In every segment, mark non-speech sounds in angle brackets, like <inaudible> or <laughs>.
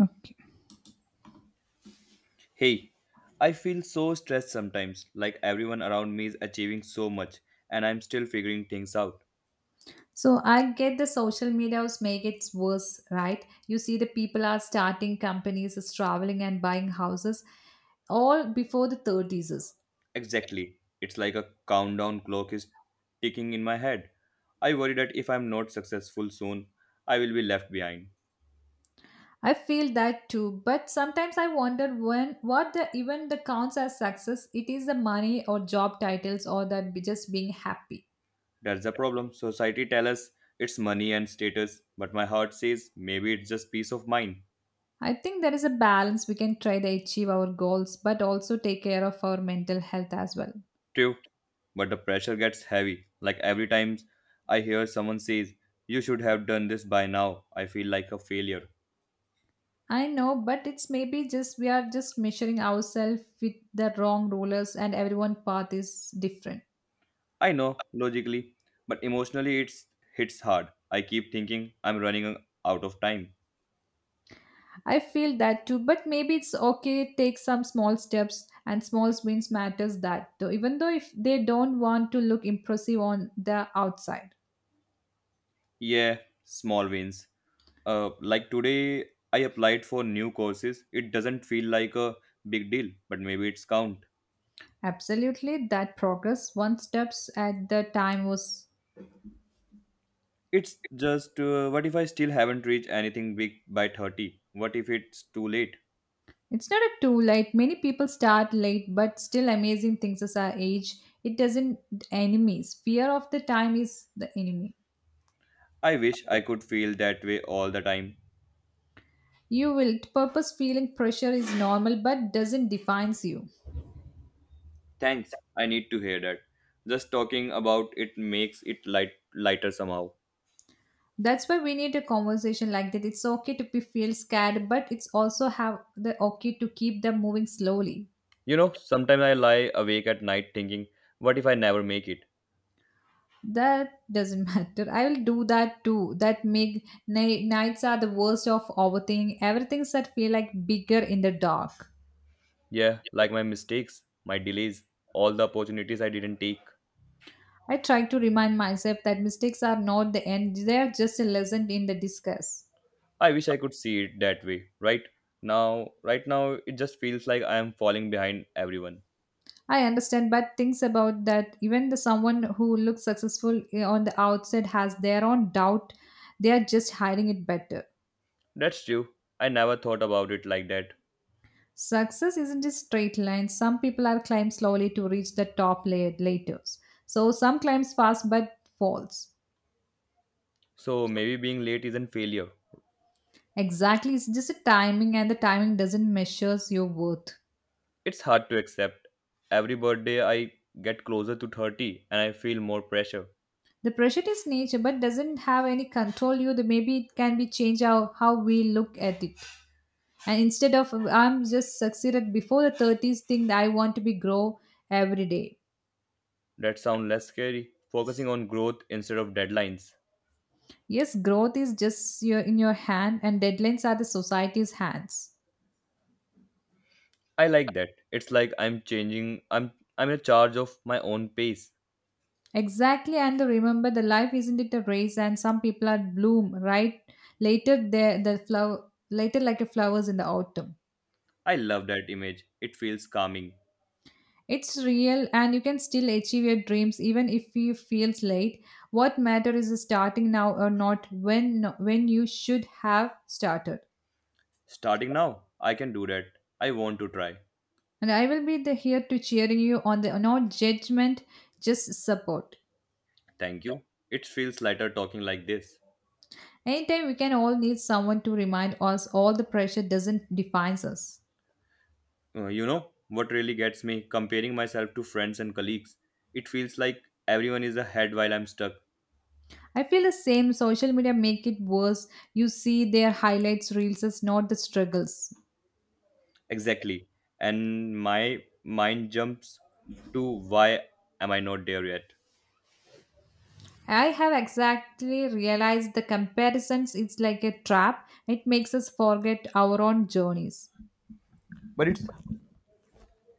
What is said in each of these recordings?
Okay. Hey, I feel so stressed sometimes, like everyone around me is achieving so much and I'm still figuring things out. So I get the social medias make it worse, right? You see the people are starting companies, is traveling and buying houses all before the 30s. Exactly. It's like a countdown clock is ticking in my head. I worry that if I'm not successful soon, I will be left behind. I feel that too, but sometimes I wonder when what the even the counts as success it is the money or job titles or that be just being happy. That's the problem. Society tells us it's money and status, but my heart says maybe it's just peace of mind. I think there is a balance we can try to achieve our goals but also take care of our mental health as well. True, but the pressure gets heavy. Like every time I hear someone says, "You should have done this by now," I feel like a failure. I know, but it's maybe just we are just measuring ourselves with the wrong rulers, and everyone path is different. I know, logically, but emotionally it's hits hard. I keep thinking I'm running out of time. I feel that too, but maybe it's okay. Take some small steps, and small wins matters that though. Even though if they don't want to look impressive on the outside, Yeah, small wins. Like today, I applied for new courses. It doesn't feel like a big deal, but maybe it's count. absolutely that progress one steps at the time was. It's just, what if I still haven't reached anything big by 30? What if it's too late? It's not a too late. Many people start late, but still amazing things as our age. It doesn't enemies. Fear of the time is the enemy. I wish I could feel that way all the time. You will. Purpose feeling pressure is normal but doesn't defines you. Thanks, I need to hear that. Just talking about it makes it lighter somehow. That's why we need a conversation like that. It's okay to be feel scared, but it's also have the okay to keep them moving slowly. You know, sometimes I lie awake at night thinking, what if I never make it? That doesn't <laughs> matter. I will do that too. That make nights are the worst of overthinking. Everything's that feel like bigger in the dark. Yeah, like my mistakes, my delays, all the opportunities I didn't take. I try to remind myself that mistakes are not the end. They are just a lesson in the discuss. I wish I could see it that way, right? Now, right now, it just feels like I am falling behind everyone. I understand, but things about that even the someone who looks successful on the outside has their own doubt. They are just hiding it better. That's true. I never thought about it like that. Success isn't a straight line. Some people are climb slowly to reach the top later. So some climbs fast but falls. So maybe being late isn't failure. Exactly, it's just a timing, and the timing doesn't measures your worth. It's hard to accept. Every birthday I get closer to 30 and I feel more pressure. The pressure is nature, but doesn't have any control. You, the maybe it can be change how we look at it. And instead of I'm just succeeded before the 30s thing I want to be grow every day. That sounds less scary. Focusing on growth instead of deadlines. Yes, growth is just your, in your hand and deadlines are the society's hands. I like that. It's like I'm changing I'm in charge of my own pace. Exactly and the remember the life isn't it a race and some people are bloom right later they the flower later like a flowers in the autumn. I love that image. It feels calming. It's real and you can still achieve your dreams even if you feels late. What matter is starting now or not when you should have started. Starting now, I can do that. I want to try. And I will be the, here to cheering you on the not judgment, just support. Thank you. It feels lighter talking like this. Anytime we can all need someone to remind us all the pressure doesn't defines us. You know what really gets me comparing myself to friends and colleagues. It feels like everyone is ahead while I'm stuck. I feel the same. Social media make it worse. You see their highlights, reels, is not the struggles. Exactly. And my mind jumps to why am I not there yet? I have exactly realized the comparisons. It's like a trap. It makes us forget our own journeys. But it's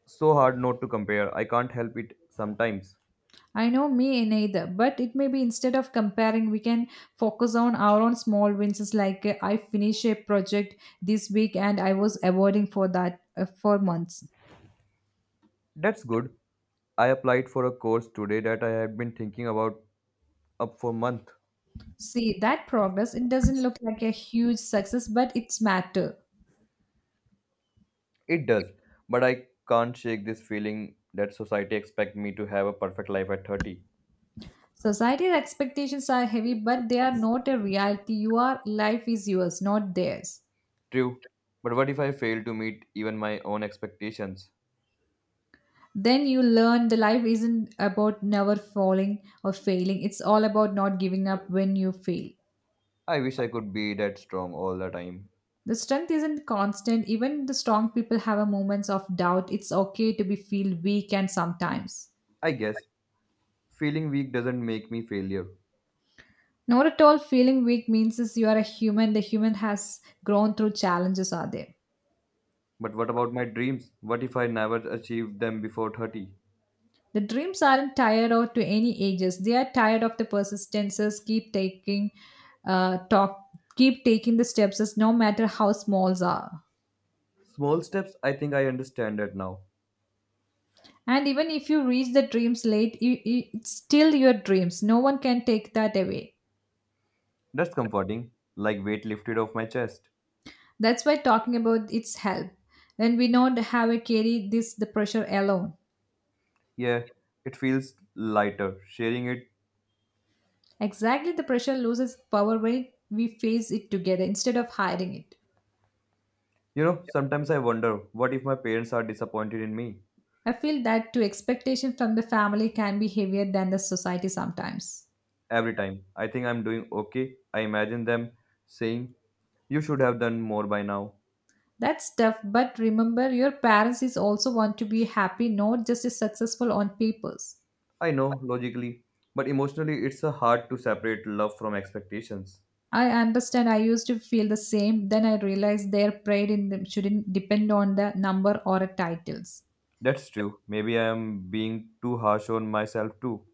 so hard not to compare. I can't help it sometimes. I know me neither, but it may be instead of comparing, we can focus on our own small wins. It's like I finished a project this week and I was avoiding for that for months. That's good. I applied for a course today that I have been thinking about up for month. See that progress, it doesn't look like a huge success, but it's matter. It does, but I can't shake this feeling that society expect me to have a perfect life at 30. Society's expectations are heavy, but they are not a reality. Your life is yours, not theirs. True, but what if I fail to meet even my own expectations? Then you learn the life isn't about never falling or failing. It's all about not giving up when you fail. I wish I could be that strong all the time. The strength isn't constant. Even the strong people have a moments of doubt. It's okay to be feel weak and sometimes. I guess feeling weak doesn't make me failure. Not at all feeling weak means is you are a human. The human has grown through challenges are there. But what about my dreams? What if I never achieve them before 30? The dreams aren't tired out to any ages. They are tired of the persistences. Keep taking, talk. Keep taking the steps, as no matter how smalls are. Small steps, I think I understand that now. And even if you reach the dreams late, you, it's still your dreams. No one can take that away. That's comforting, like weight lifted off my chest. That's why talking about its help. When we don't have a carry this the pressure alone. Yeah, it feels lighter sharing it. Exactly the pressure loses power when we face it together instead of hiding it. You know, sometimes I wonder what if my parents are disappointed in me? I feel that too expectation from the family can be heavier than the society sometimes. Every time I think I'm doing okay, I imagine them saying, "You should have done more by now." That's tough, but remember your parents is also want to be happy, not just as successful on papers. I know, logically, but emotionally it's hard to separate love from expectations. I understand I used to feel the same, then I realized their pride in them shouldn't depend on the number or a titles. That's true. Maybe I am being too harsh on myself too.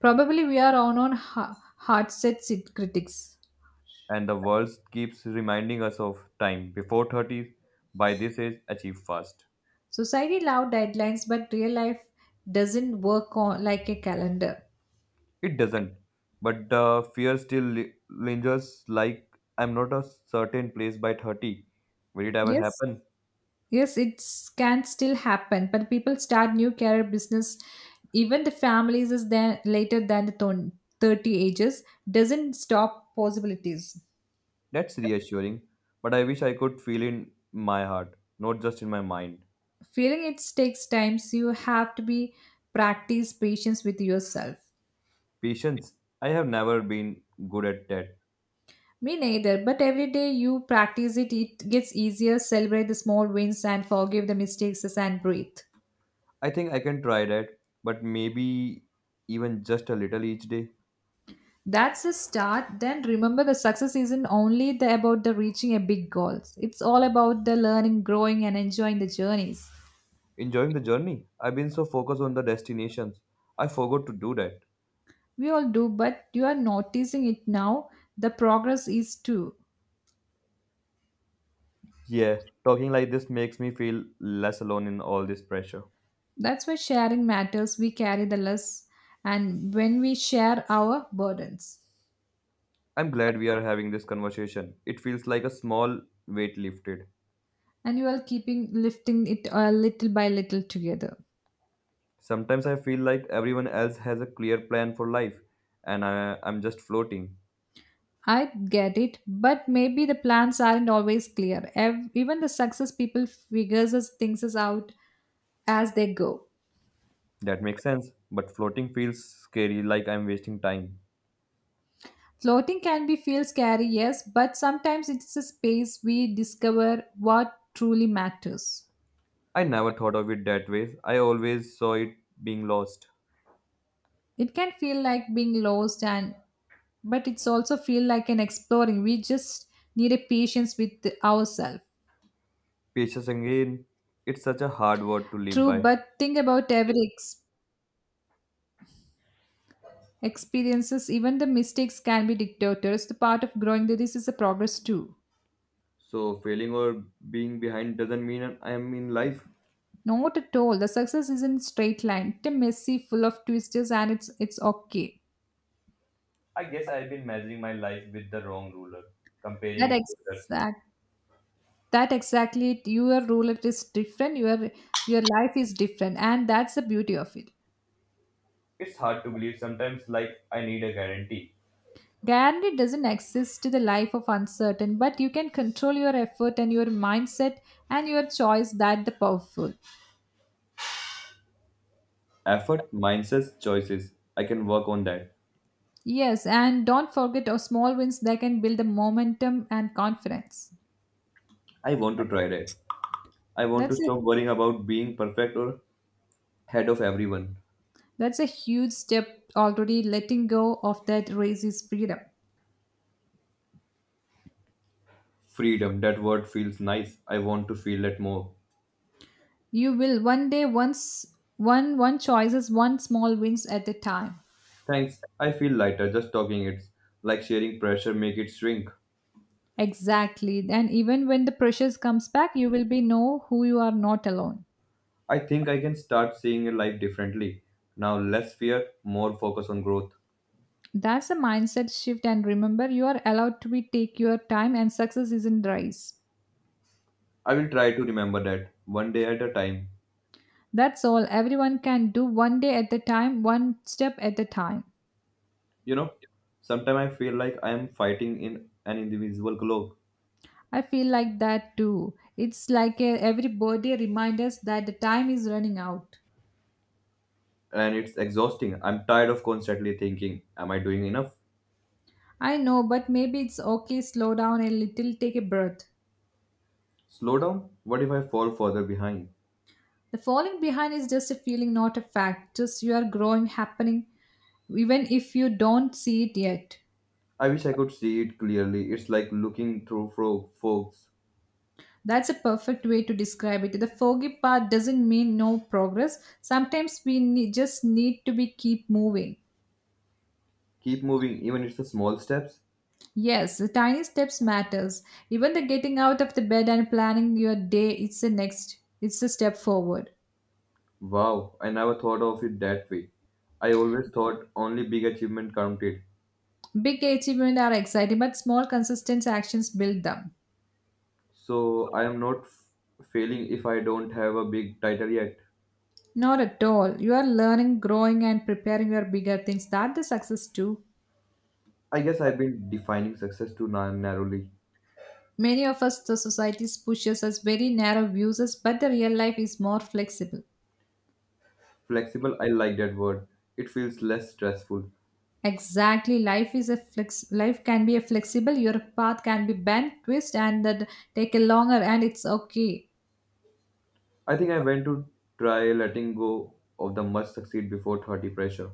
Probably we are our own hard set critics. And the world keeps reminding us of time before 30, by this age, achieve fast. Society love deadlines, but real life doesn't work on, like a calendar. It doesn't, but the fear still lingers like I'm not a certain place by 30. Will it ever Yes, happen? yes, it can still happen, but people start new career business. Even the families is then later than the 30 ages doesn't stop possibilities. That's reassuring, but I wish I could feel in my heart, not just in my mind. Feeling it takes times. You have to be practice patience with yourself. Patience. I have never been good at that. Me neither, but every day you practice it, it gets easier. Celebrate the small wins and forgive the mistakes and breathe. I think I can try that, but maybe even just a little each day. That's the start. Then remember the success isn't only the, about the reaching a big goals. It's all about the learning, growing and enjoying the journeys. Enjoying the journey. I've been so focused on the destinations. I forgot to do that. We all do, but you are noticing it now. The progress is too. Yeah, talking like this makes me feel less alone in all this pressure. That's why sharing matters. We carry the less and when we share our burdens. I'm glad we are having this conversation. It feels like a small weight lifted. And you are keeping lifting it a little by little together. Sometimes I feel like everyone else has a clear plan for life and I'm just floating. I get it, but maybe the plans aren't always clear. Even the success people figures as things as out as they go. That makes sense, but floating feels scary like I'm wasting time. Floating can be feel scary, yes, but sometimes it's a space we discover what truly matters. I never thought of it that way. I always saw it being lost. It can feel like being lost and but it's also feel like an exploring. We just need a patience with ourselves. Patience again, it's such a hard word to live True, by. but think about every experiences, even the mistakes can be dictators. The part of growing this is a progress too. So, failing or being behind doesn't mean I am in life. Not at all. The success isn't straight line. It's messy, full of twists, and it's okay. I guess I've been measuring my life with the wrong ruler, comparing That it to others. exact that exactly it. Your role is different. Your life is different, and that's the beauty of it. It's hard to believe sometimes, like, I need a guarantee. Guarantee doesn't exist to the life of uncertain, but you can control your effort and your mindset and your choice. That the powerful. Effort, mindsets, choices. I can work on that. Yes, and don't forget our small wins. They can build the momentum and confidence. I want to try that. I want to That's stop worrying about being perfect or head of everyone. That's a huge step already letting go of that raises freedom. Freedom, that word feels nice. I want to feel that more. You will one day once one choices one small wins at a time. Thanks. I feel lighter just talking it. Like sharing pressure make it shrink. Exactly. And even when the pressures comes back, you will be know who you are not alone. I think I can start seeing life differently. Now less fear, more focus on growth. That's a mindset shift and remember you are allowed to be take your time and success isn't race. I will try to remember that one day at a time. That's all. Everyone can do one day at a time, one step at a time. You know, sometimes I feel like I am fighting in an invisible cloak I feel like that too. It's like a, every birthday reminds us that the time is running out. and it's exhausting. I'm tired of constantly thinking, am I doing enough? I know, but maybe it's okay, slow down a little, take a breath. Slow down. What if I fall further behind? The falling behind is just a feeling, not a fact. Just you are growing, happening, even if you don't see it yet. I wish I could see it clearly. It's like looking through frog fogs. That's a perfect way to describe it. The foggy part doesn't mean no progress. Sometimes we just need to be keep moving. Keep moving, even if it's the small steps. Yes, the tiny steps matters. Even the getting out of the bed and planning your day, it's the next, it's a step forward. Wow, I never thought of it that way. I always thought only big achievement counted. Big achievements are exciting, but small consistent actions build them. So I am not failing if I don't have a big title yet. Not at all. You are learning, growing, and preparing your bigger things. That the success too. I guess I've been defining success too narrowly. Many of us, the society pushes us very narrow views, us, but the real life is more flexible. Flexible, I like that word. It feels less stressful. Exactly, life is a flex. Life can be a flexible. Your path can be bent, twist, and that take a longer, and it's okay. I think I went to try letting go of the must succeed before 30 pressure.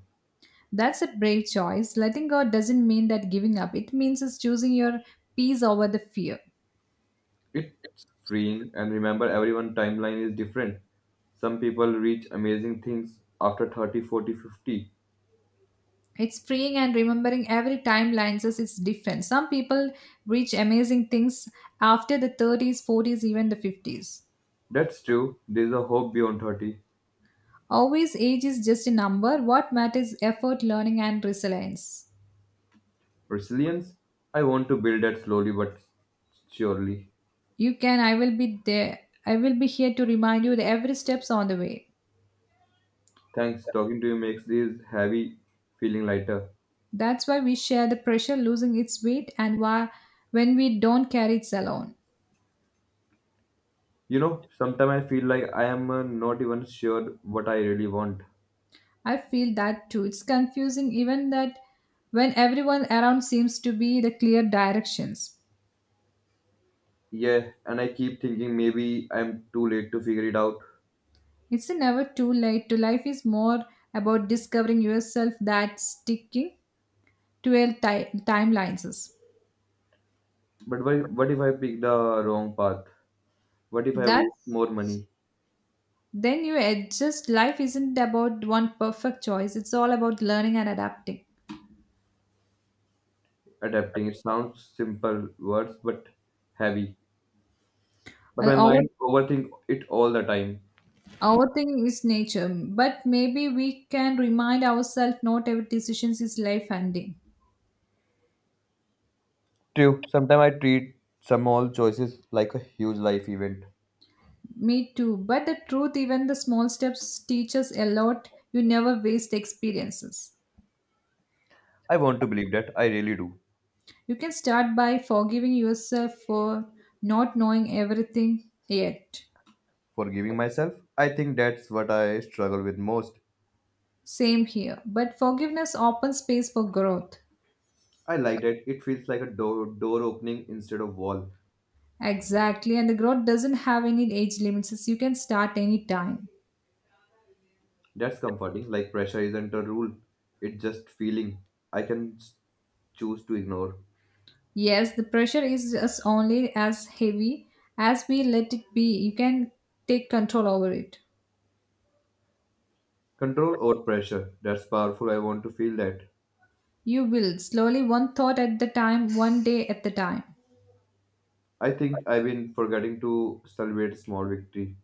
That's a brave choice. Letting go doesn't mean that giving up. It means it's choosing your peace over the fear. It's freeing, and remember, everyone timeline is different. Some people reach amazing things after 30, 40, 50. It's freeing and remembering every timeline says it's different. Some people reach amazing things after the 30s, 40s, even the 50s. That's true. There's a hope beyond 30. Always age is just a number. What matters is effort, learning and resilience. Resilience? I want to build that slowly but surely. You can I will be there. I will be here to remind you that every step's on the way. Thanks. Talking to you makes this heavy feeling lighter. That's why we share the pressure losing its weight and why when we don't carry it alone. You know, sometimes I feel like I am not even sure what I really want. I feel that too. It's confusing even that when everyone around seems to be the clear directions. Yeah, and I keep thinking maybe I'm too late to figure it out. It's never too late to life is more about discovering yourself than sticking to a timelines. But what if I pick the wrong path? What if I That waste more money then you adjust life isn't about one perfect choice. It's all about learning and adapting. adapting? It sounds simple words, but heavy. But Uh, my Our mind overthink it all the time. our thing is nature, but maybe we can remind ourselves not every decision is life ending. True. Sometimes I treat small choices like a huge life event. Me too. But the truth, even the small steps teach us a lot. You never waste experiences. I want to believe that. I really do. You can start by forgiving yourself for not knowing everything yet. Forgiving myself, I think that's what I struggle with most. Same here. But forgiveness opens space for growth. I like that. It feels like a door opening instead of wall. Exactly. And the growth doesn't have any age limits. It's- You can start anytime. That's comforting. Like pressure isn't a rule. It's just feeling. I can choose to ignore. Yes, the pressure is just only as heavy as we let it be. You can take control over it. Control over pressure. That's powerful. I want to feel that. You will, slowly, one thought at the time, one day at the time. I think I've been forgetting to celebrate small victory.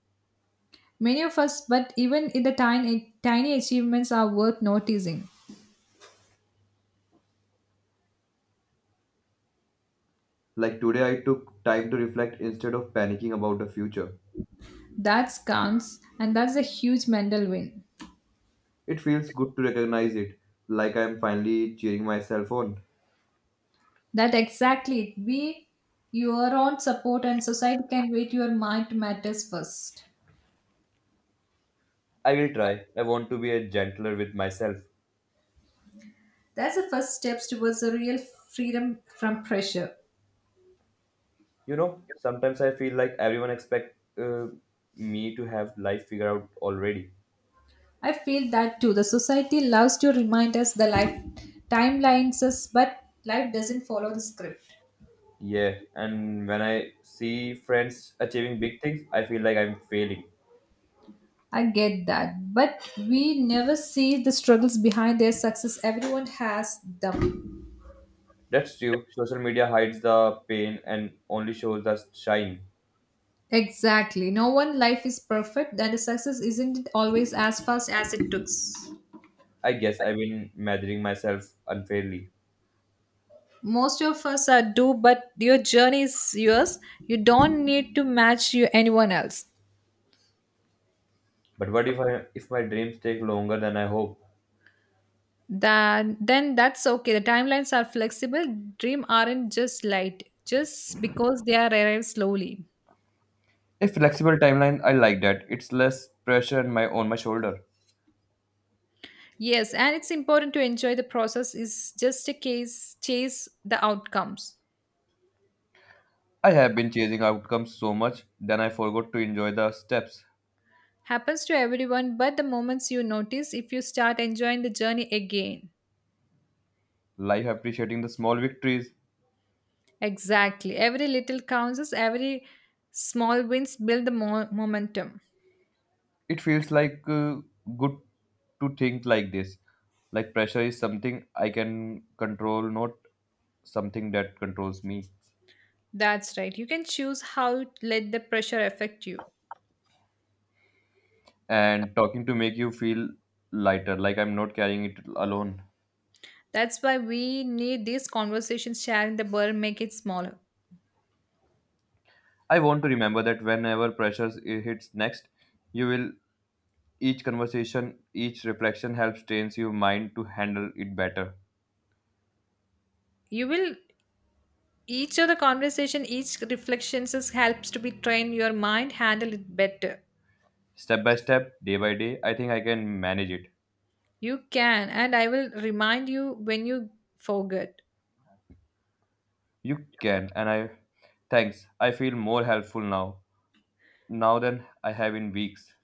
Many of us, but even in the tiny achievements are worth noticing. Like today I took time to reflect instead of panicking about the future. That counts, and that's a huge mental win. It feels good to recognize it. Like I'm finally cheering myself on. That exactly it. Be your own support, and society can wait. Your mind matters first. I will try. I want to be a gentler with myself. That's the first steps towards a real freedom from pressure. You know, sometimes I feel like everyone expect me to have life figured out already. I feel that too. The society loves to remind us the life timelines, us, but life doesn't follow the script. Yeah, and when I see friends achieving big things, I feel like I'm failing. I get that, but we never see the struggles behind their success. Everyone has them. That's true. Social media hides the pain and only shows the shine. Exactly. No one life is perfect, and the success isn't always as fast as it took. I guess I've been measuring myself unfairly. Most of us are do, but your journey is yours. You don't need to match you anyone else. But what if I if my dreams take longer than I hope? That then that's okay. The timelines are flexible. Dream aren't just light just because they are arrived slowly. A flexible timeline, I like that. It's less pressure on my shoulder. Yes, and it's important to enjoy the process is just a case chase the outcomes. I have been chasing outcomes so much, then I forgot to enjoy the steps. Happens to everyone, but the moments you notice if you start enjoying the journey again. Life appreciating the small victories, Exactly. Every little counts as every small wins build the momentum. it feels like good to think like this, like pressure is something I can control, not something that controls me. That's right. You can choose how to let the pressure affect you. And talking to make you feel lighter, like I'm not carrying it alone. That's why we need these conversations sharing the burden make it smaller. I want to remember that whenever pressure hits next. You will, each conversation, each reflection helps trains your mind to handle it better. You will each of the conversation, each reflections is helps to be train your mind handle it better. Step by step, day by day, I think I can manage it. You can, and I will remind you when you forget. You can, and I thanks. I feel more helpful now than I have in weeks.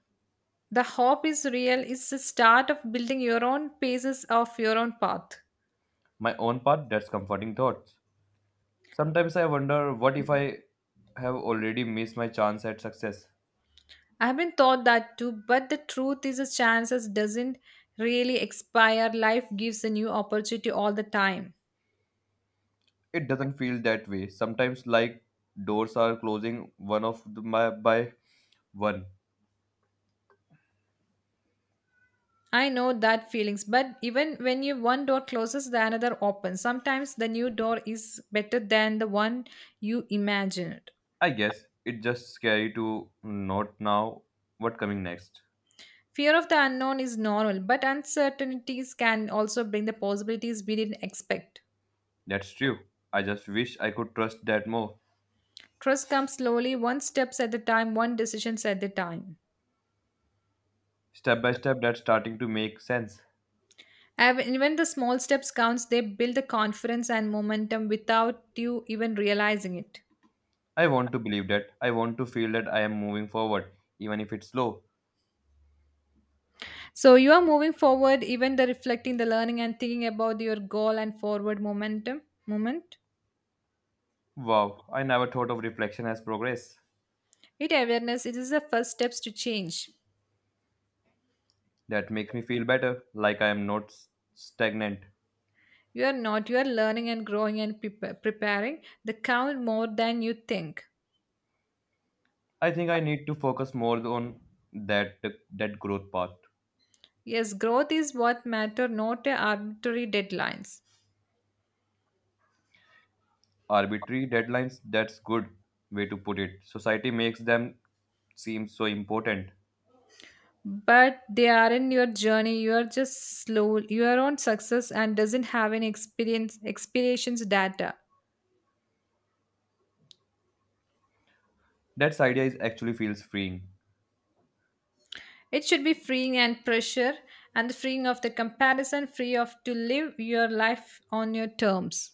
The hope is real, it's the start of building your own paces of your own path. My own part, that's comforting thoughts. Sometimes I wonder what if I have already missed my chance at success. I have been thought that too, but the truth is the chances doesn't really expire. Life gives a new opportunity all the time. It doesn't feel that way. Sometimes, like doors are closing one by one. I know that feelings, but even when you one door closes, the another opens. Sometimes the new door is better than the one you imagined. I guess it's just scary to not now what coming next. Fear of the unknown is normal, but uncertainties can also bring the possibilities we didn't expect. That's true. I just wish I could trust that more. Trust comes slowly, one steps at a time, one decisions at a time. Step by step, that's starting to make sense. And when the small steps counts, they build the confidence and momentum without you even realizing it. I want to believe that. I want to feel that I am moving forward, even if it's slow. So you are moving forward, even the reflecting the learning and thinking about your goal and forward momentum moment. Wow, I never thought of reflection as progress. It awareness, it is the first steps to change. That makes me feel better, like I am not stagnant. You are not, you are learning and growing and preparing. The count more than you think. I think I need to focus more on that that growth path. Yes, growth is what matter, not a arbitrary deadlines. Arbitrary deadlines, that's good way to put it. Society makes them seem so important. But they are in your journey. You are just slow. Your own success and doesn't have any experience expirations data. That idea is actually feels freeing. It should be freeing and pressure and freeing of the comparison, free of to live your life on your terms.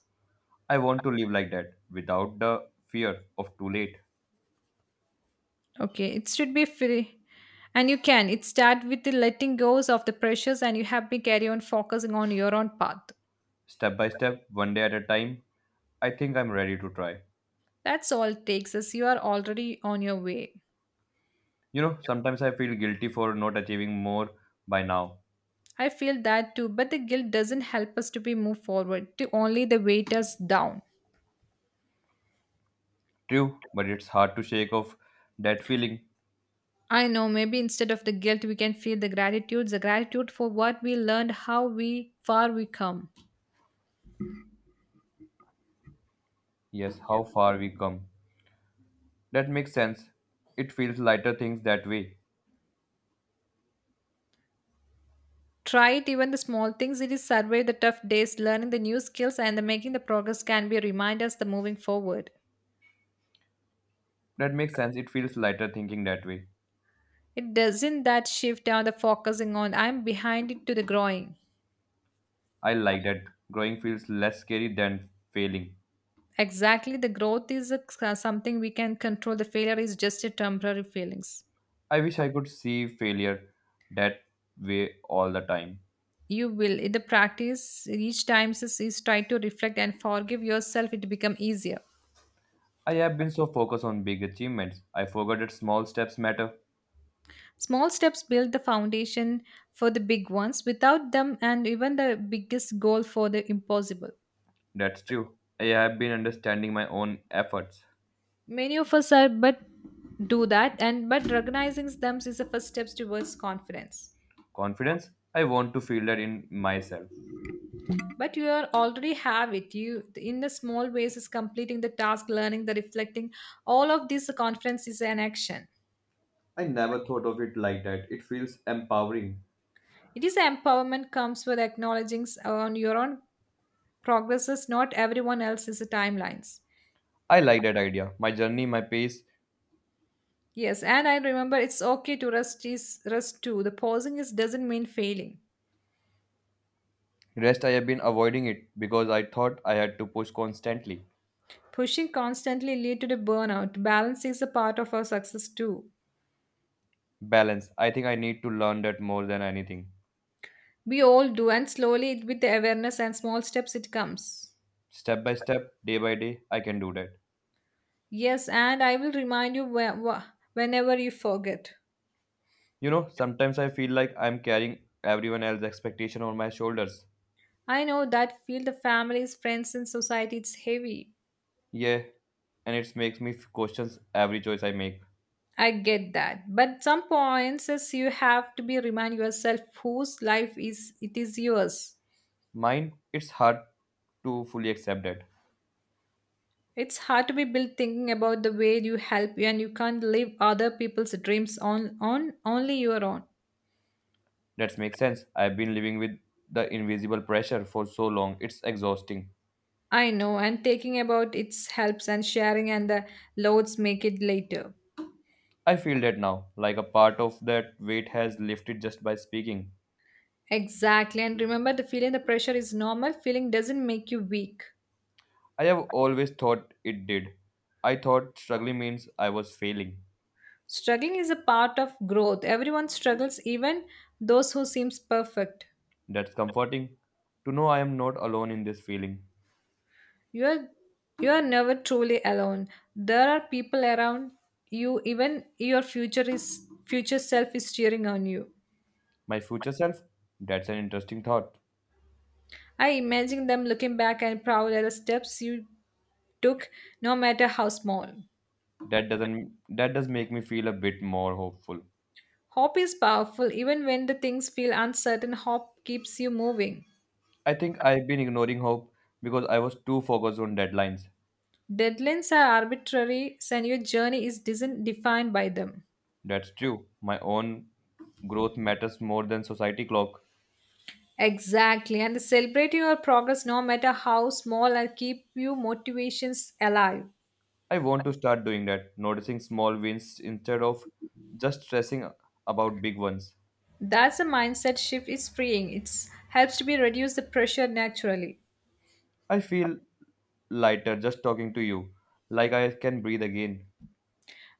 I want to live like that without the fear of too late. Okay, it should be free. And you can. It start with the letting goes of the pressures and you have been carry on focusing on your own path. Step by step, one day at a time, I think I'm ready to try. That's all it takes us. You are already on your way. You know, sometimes I feel guilty for not achieving more by now. I feel that too, but the guilt doesn't help us to be move forward, to only the weight us down. True, but it's hard to shake off that feeling. I know maybe instead of the guilt we can feel the gratitude for what we learned, how we far we come. Yes, how far we come. That makes sense. It feels lighter things that way. Try it even the small things, it is survey the tough days, learning the new skills and the making the progress can be a reminder us the moving forward. That makes sense. It feels lighter thinking that way. It doesn't that shift down the focusing on I'm behind it to the growing. I like that. Growing feels less scary than failing. Exactly the growth is a, something we can control. The failure is just a temporary feelings. I wish I could see failure that way all the time. You will. In the practice, each time is try to reflect and forgive yourself, it become easier. I have been so focused on big achievements, I forgot that small steps matter. Small steps build the foundation for the big ones. Without them, and even the biggest goal for the impossible. That's true. I have been understanding my own efforts. Many of us are but do that, and but recognizing them is the first steps towards confidence. Confidence? I want to feel that in myself. But you are already have it. You in the small ways is completing the task, learning, the reflecting. All of this confidence is an action. I never thought of it like that. It feels empowering. It is empowerment comes with acknowledging on your own progresses not everyone else is the timelines. I like that idea. My journey, my pace, Yes, and I remember it's okay to rest is rest too. The pausing is doesn't mean failing. rest, I have been avoiding it because I thought I had to push constantly. Pushing constantly lead to the burnout. Balance is a part of our success too. Balance. I think I need to learn that more than anything. We all do, and slowly with the awareness and small steps it comes. Step by step, day by day, I can do that. Yes, and I will remind you whenever you forget. You know, sometimes I feel like I'm carrying everyone else's expectation on my shoulders. I know that feel the families friends and society it's heavy. Yeah, and it makes me question every choice I make. I get that. But some points is you have to be remind yourself whose life is it is yours. Mine, it's hard to fully accept that. It's hard to be built thinking about the way you help and you can't live other people's dreams on only your own. That makes sense. I've been living with the invisible pressure for so long, it's exhausting. I know and thinking about its helps and sharing and the loads make it later. I feel that now, like a part of that weight has lifted just by speaking. Exactly. And remember the feeling the pressure is normal, feeling doesn't make you weak. I have always thought it did. I thought struggling means I was failing. Struggling is a part of growth. Everyone struggles, even those who seems perfect. That's comforting to know I am not alone in this feeling. You're you're never truly alone. There are people around you, even your future is future self is cheering on you. My future self? That's an interesting thought. I imagine them looking back and proud at the steps you took, no matter how small. That doesn't that does make me feel a bit more hopeful. Hope is powerful even when the things feel uncertain, hope keeps you moving. I think I've been ignoring hope because I was too focused on deadlines. Deadlines are arbitrary and your journey is isn't defined by them. That's true. My own growth matters more than society clock. Exactly, and celebrate your progress no matter how small and keep your motivations alive. I want to start doing that, noticing small wins instead of just stressing about big ones. That's a mindset shift is freeing. It helps to be reduce the pressure naturally. I feel lighter just talking to you, like I can breathe again.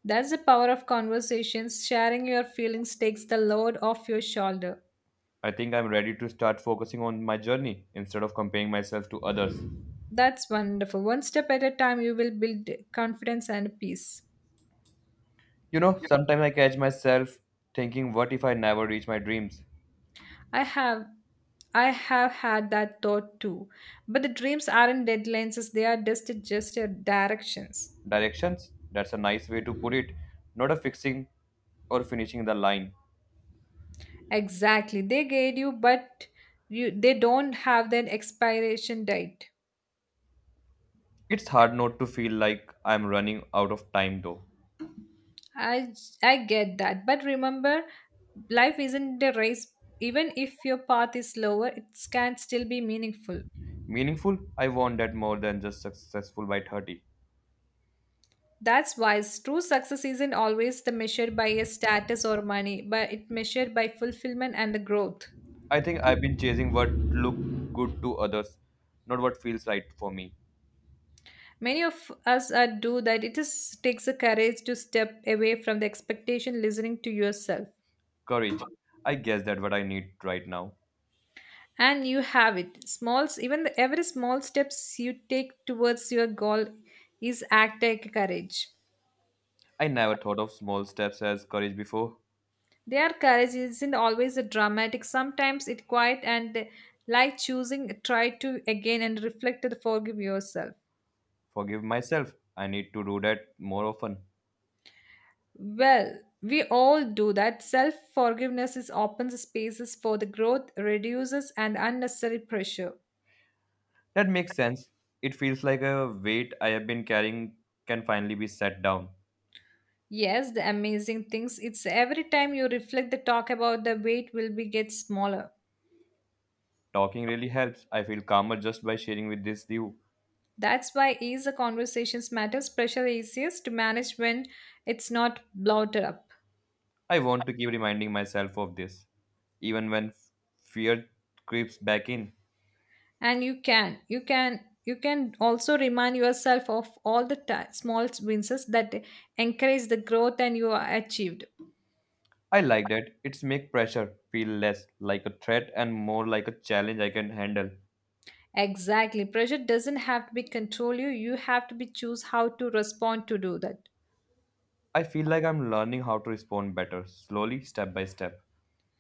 That's the power of conversations. Sharing your feelings takes the load off your shoulder. I think I'm ready to start focusing on my journey instead of comparing myself to others. That's wonderful. One step at a time you will build confidence and peace. You know, sometimes I catch myself thinking, what if I never reach my dreams? I have I have had that thought too. But the dreams aren't deadlines as they are just your directions. Directions. That's a nice way to put it. Not a fixing or finishing the line. Exactly. They guide you but you they don't have that expiration date. It's hard not to feel like I'm running out of time though. I I get that, but remember, life isn't a race. Even if your path is slower, it can still be meaningful. Meaningful, I want that more than just successful by 30. That's why true success isn't always the measured by a status or money, but it measured by fulfillment and the growth. I think I've been chasing what look good to others, not what feels right for me. Many of us are do that. It is takes a courage to step away from the expectation, listening to yourself, Courage. I guess that's what I need right now. and you have it. Smalls, even the, every small steps you take towards your goal is act like courage. I never thought of small steps as courage before. Their courage isn't always dramatic. Sometimes it's quiet and like choosing, try to again and reflect and forgive yourself. Forgive myself. I need to do that more often. Well, we all do that. Self forgiveness is opens spaces for the growth, reduces and unnecessary pressure. That makes sense. It feels like a weight I have been carrying can finally be set down. Yes, the amazing things. It's every time you reflect the talk about the weight will be get smaller. Talking really helps. I feel calmer just by sharing with this view. That's why ease the conversations matters. Pressure is easiest to manage when it's not bloated up. I want to keep reminding myself of this, even when fear creeps back in. And you can also remind yourself of all the small wins that encourage the growth and you are achieved. I like that. It's make pressure feel less like a threat and more like a challenge I can handle. Exactly, pressure doesn't have to be control you. You have to be choose how to respond to do that. I feel like I'm learning how to respond better, slowly, step by step.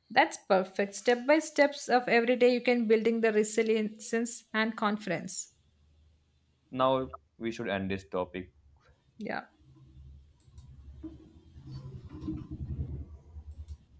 That's perfect step by steps of every day you can building the resilience and confidence. Now we should end this topic. Yeah.